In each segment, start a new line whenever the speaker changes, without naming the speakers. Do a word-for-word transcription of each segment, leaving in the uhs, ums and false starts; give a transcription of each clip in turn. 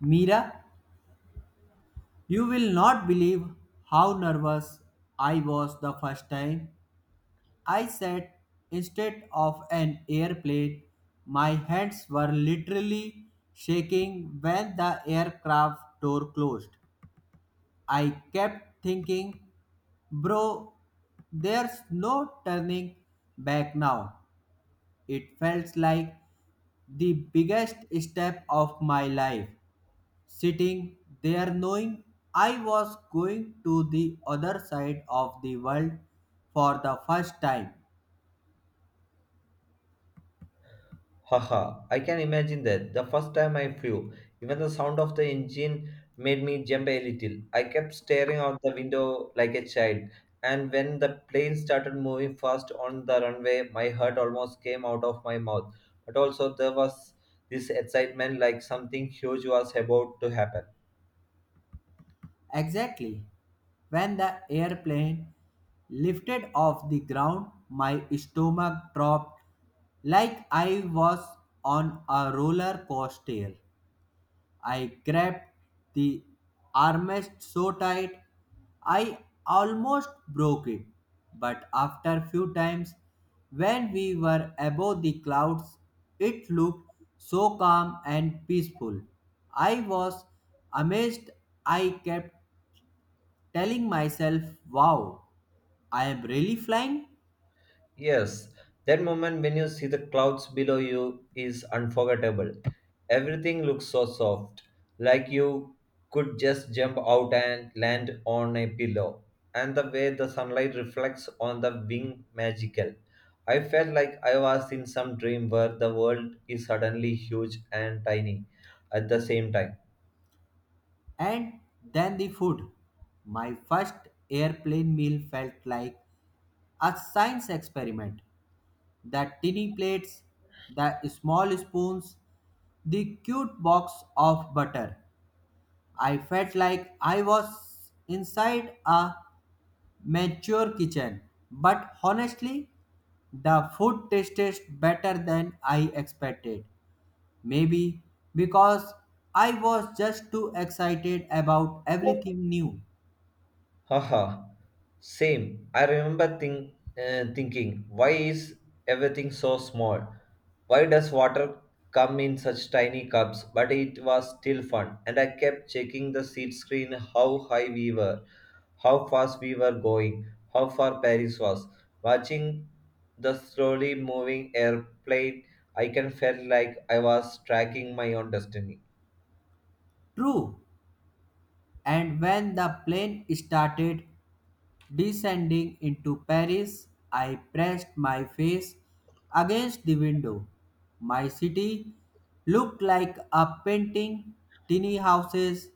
Mira, you will not believe how nervous I was the first time I sat instead of an airplane. My hands were literally shaking when the aircraft door closed. I kept thinking, bro, there's no turning back now. It felt like the biggest step of my life, sitting there knowing I was going to the other side of the world for the first time.
Haha, I can imagine that. The first time I flew, even the sound of the engine made me jump a little. I kept staring out the window like a child, and when the plane started moving fast on the runway, my heart almost came out of my mouth. But also, there was this excitement like something huge was about to happen.
Exactly. When the airplane lifted off the ground, my stomach dropped like I was on a roller coaster. I grabbed the armrest so tight I almost broke it. But after few times when we were above the clouds it looked so calm and peaceful. I was amazed. I kept telling myself, wow, I am really flying.
Yes, that moment when you see the clouds below you is unforgettable. Everything looks so soft, like you could just jump out and land on a pillow. And the way the sunlight reflects on the wing magical. I felt like I was in some dream where the world is suddenly huge and tiny at the same time.
And then the food. My first airplane meal felt like a science experiment. The tinny plates, the small spoons, the cute box of butter. I felt like I was inside a mature kitchen, but honestly, the food tasted better than I expected. Maybe because I was just too excited about everything new.
Haha, same. I remember think, uh, thinking, why is everything so small? Why does water come in such tiny cups? But it was still fun, and I kept checking the seat screen how high we were, how fast we were going, how far Paris was. Watching the slowly moving airplane, I can felt like I was tracking my own destiny.
True, and when the plane started descending into Paris, I pressed my face against the window. My city looked like a painting, tiny houses,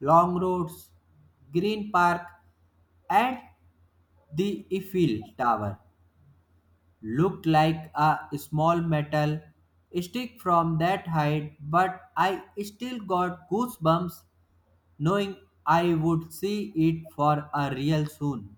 long roads, green park, and the Eiffel Tower looked like a small metal stick from that height, but I still got goosebumps knowing I would see it for a real soon.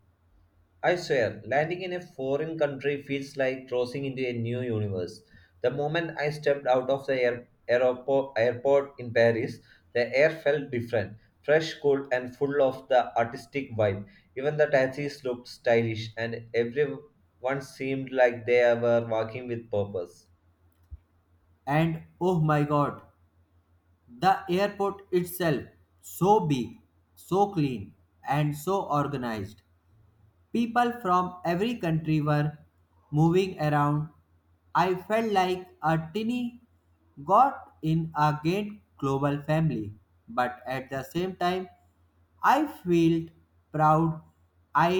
I swear, landing in a foreign country feels like crossing into a new universe. The moment I stepped out of the air, aeropo- airport in Paris, the air felt different, fresh, cool, and full of the artistic vibe. Even the taxis looked stylish, and everyone seemed like they were walking with purpose.
And oh my god, the airport itself, so big, so clean, and so organized. People from every country were moving around. I felt like a tiny got in a great global family, but at the same time, I felt proud. I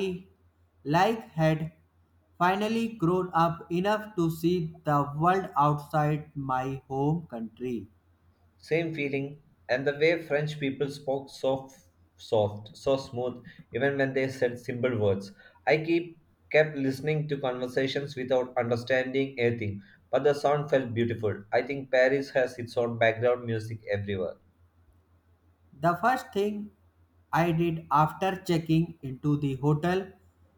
like had finally grown up enough to see the world outside my home country.
Same feeling, and the way French people spoke so f- soft, so smooth, even when they said simple words. I keep kept listening to conversations without understanding anything, but the sound felt beautiful. I think Paris has its own background music everywhere.
The first thing I did after checking into the hotel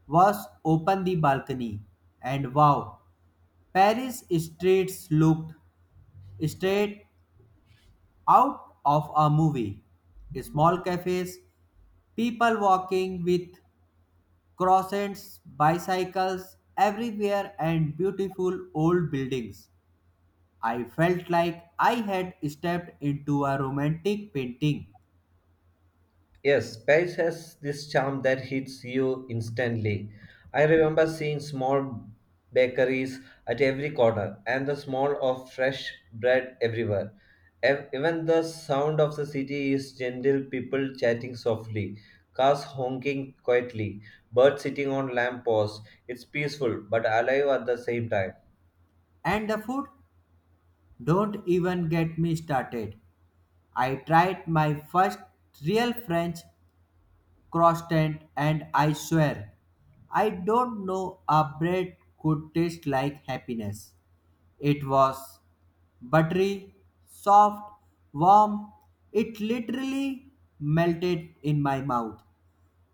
was open the balcony, and wow, Paris streets looked straight out of a movie. Small cafes, people walking with croissants, bicycles everywhere and beautiful old buildings. I felt like I had stepped into a romantic painting.
Yes, Paris has this charm that hits you instantly. I remember seeing small bakeries at every corner and the smell of fresh bread everywhere. Ev- Even the sound of the city is gentle, people chatting softly, cars honking quietly, birds sitting on lamp posts. It's peaceful but alive at the same time.
And the food, don't even get me started. I tried my first real French croissant and I swear, I don't know a bread could taste like happiness. It was buttery, soft, warm. It literally melted in my mouth.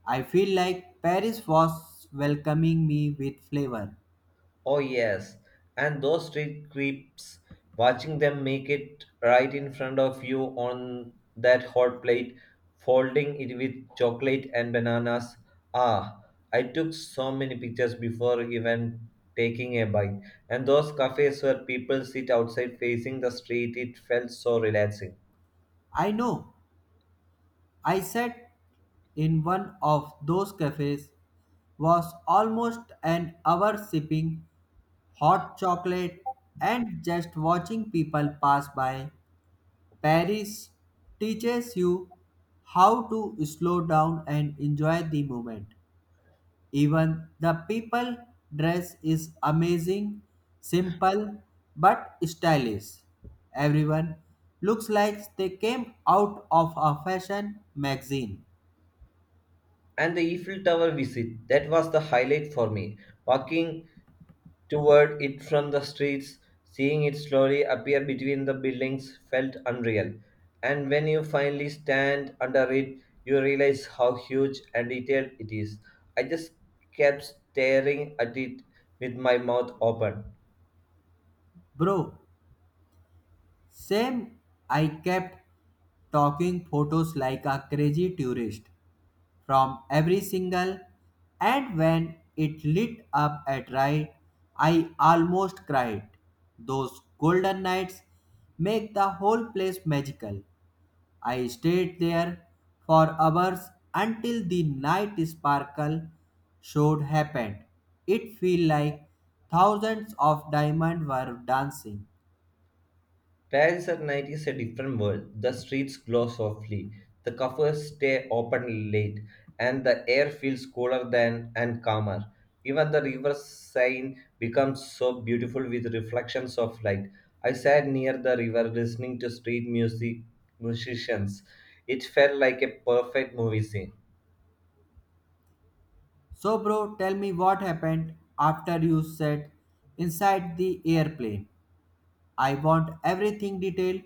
I feel like Paris was welcoming me with flavor.
Oh, yes. And those street creeps, watching them make it right in front of you on that hot plate, folding it with chocolate and bananas. Ah, I took so many pictures before even taking a bite. And those cafes where people sit outside facing the street, it felt so relaxing.
I know I sat in one of those cafes, was almost an hour sipping hot chocolate and just watching people pass by. Paris teaches you how to slow down and enjoy the moment. Even the people dress is amazing, simple but stylish. Everyone looks like they came out of a fashion magazine.
And the Eiffel Tower visit, that was the highlight for me. Walking toward it from the streets, seeing it slowly appear between the buildings felt unreal. And when you finally stand under it, you realize how huge and detailed it is. I just kept staring at it with my mouth open.
Bro, same, I kept talking photos like a crazy tourist from every single, and when it lit up at right, I almost cried. Those golden nights make the whole place magical. I stayed there for hours until the night sparkle show happened. It felt like thousands of diamonds were dancing.
Paris at night is a different world. The streets glow softly, the cafes stay open late, and the air feels cooler than and calmer. Even the river Seine becomes so beautiful with reflections of light. I sat near the river listening to street music musicians. It felt like a perfect movie scene.
So, bro, tell me what happened after you sat inside the airplane. I want everything detailed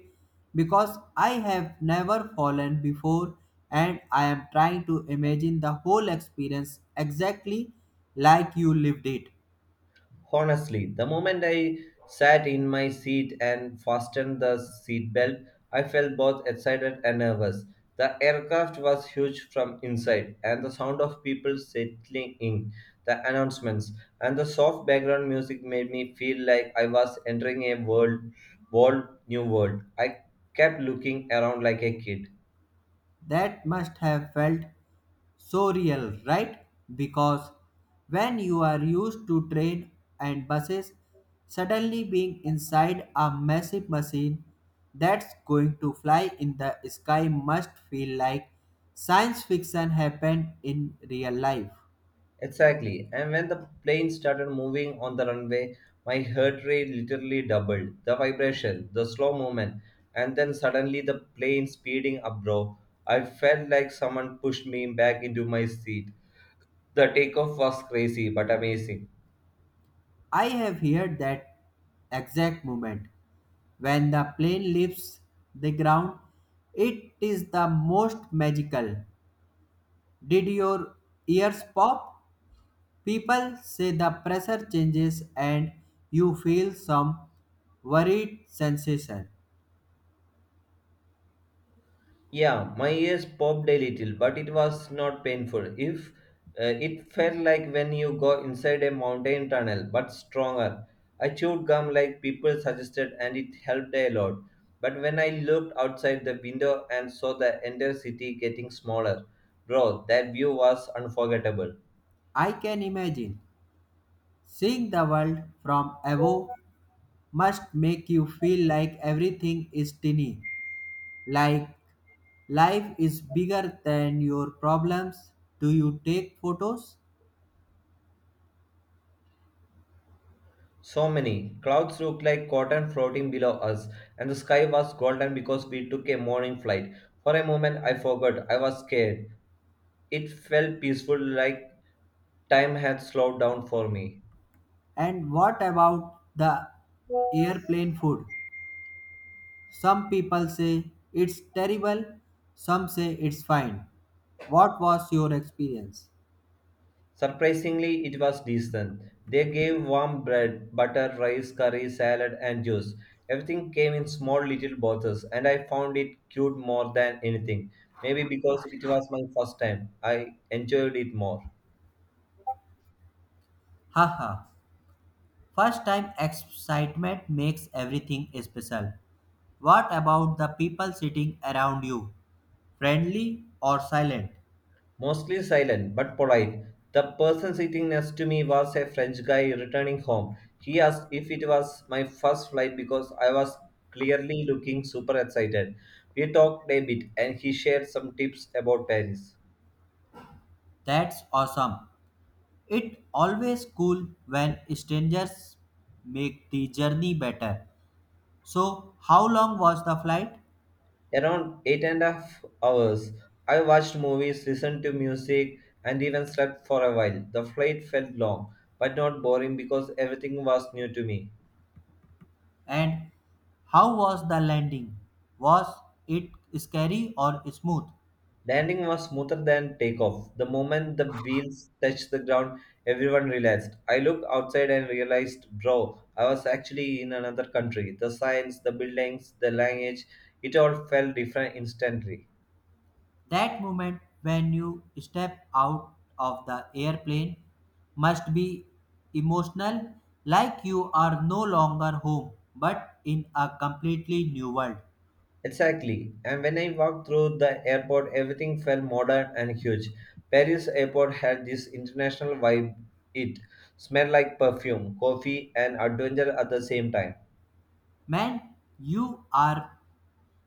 because I have never fallen before and I am trying to imagine the whole experience exactly like you lived it.
Honestly, the moment I sat in my seat and fastened the seatbelt, I felt both excited and nervous. The aircraft was huge from inside, and the sound of people settling in, the announcements, and the soft background music made me feel like I was entering a world, world new world. I kept looking around like a kid.
That must have felt so real, right? Because when you are used to train and buses, suddenly being inside a massive machine that's going to fly in the sky must feel like science fiction happened in real life.
Exactly. And when the plane started moving on the runway, my heart rate literally doubled. The vibration, the slow movement, and then suddenly the plane speeding up, bro. I felt like someone pushed me back into my seat. The takeoff was crazy but amazing.
I have heard that exact moment when the plane leaves the ground, it is the most magical. Did your ears pop? People say the pressure changes and you feel some worried sensation.
Yeah, my ears popped a little, but it was not painful. If uh, It felt like when you go inside a mountain tunnel, but stronger. I chewed gum like people suggested, and it helped a lot. But when I looked outside the window and saw the entire city getting smaller, bro, that view was unforgettable.
I can imagine. Seeing the world from above must make you feel like everything is tiny, like life is bigger than your problems. Do you take photos?
So many clouds looked like cotton floating below us, and the sky was golden because we took a morning flight. For a moment, I forgot I was scared. It felt peaceful, like time had slowed down for me.
And what about the airplane food? Some people say it's terrible, some say it's fine. What was your experience?
Surprisingly, it was decent. They gave warm bread, butter, rice, curry, salad, and juice. Everything came in small little bottles, and I found it cute more than anything. Maybe because it was my first time, I enjoyed it more.
Haha, first time excitement makes everything special. What about the people sitting around you? Friendly or silent?
Mostly silent, but polite. The person sitting next to me was a French guy returning home. He asked if it was my first flight because I was clearly looking super excited. We talked a bit and he shared some tips about Paris.
That's awesome. It always cool when strangers make the journey better. So, how long was the flight?
Around eight and a half hours, I watched movies, listened to music, and even slept for a while. The flight felt long, but not boring because everything was new to me.
And how was the landing? Was it scary or smooth?
Landing was smoother than takeoff. The moment the wheels touched the ground, everyone relaxed. I looked outside and realized, bro, I was actually in another country. The signs, the buildings, the language, it all felt different instantly.
That moment when you step out of the airplane must be emotional, like you are no longer home but in a completely new world.
Exactly. And when I walked through the airport, everything felt modern and huge. Paris airport had this international vibe. It smelled like perfume, coffee, and adventure at the same time.
Man, you are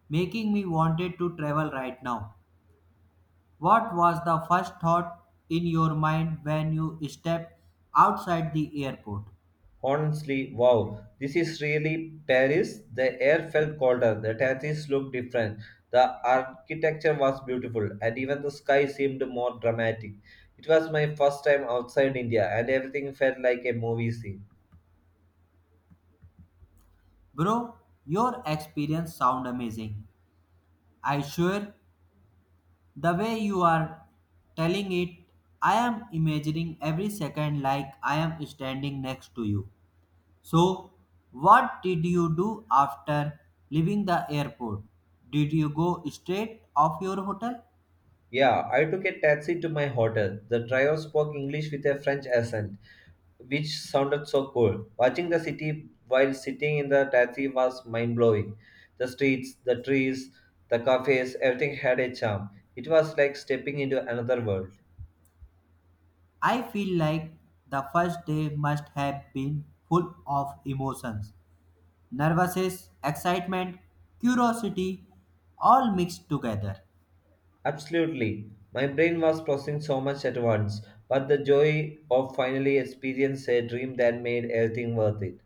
making me wanted to travel right now. What was the first thought in your mind when you stepped outside the airport?
Honestly, wow, this is really Paris. The air felt colder, the tattoos looked different, the architecture was beautiful, and even the sky seemed more dramatic. It was my first time outside India, and everything felt like a movie scene.
Bro, your experience sound amazing. I sure the way you are telling it, I am imagining every second like I am standing next to you. So, what did you do after leaving the airport? Did you go straight off your hotel?
Yeah, I took a taxi to my hotel. The driver spoke English with a French accent, which sounded so cool. Watching the city while sitting in the taxi was mind blowing. The streets, the trees, the cafes, everything had a charm. It was like stepping into another world.
I feel like the first day must have been full of emotions, nervousness, excitement, curiosity, all mixed together.
Absolutely. My brain was processing so much at once, but the joy of finally experiencing a dream that made everything worth it.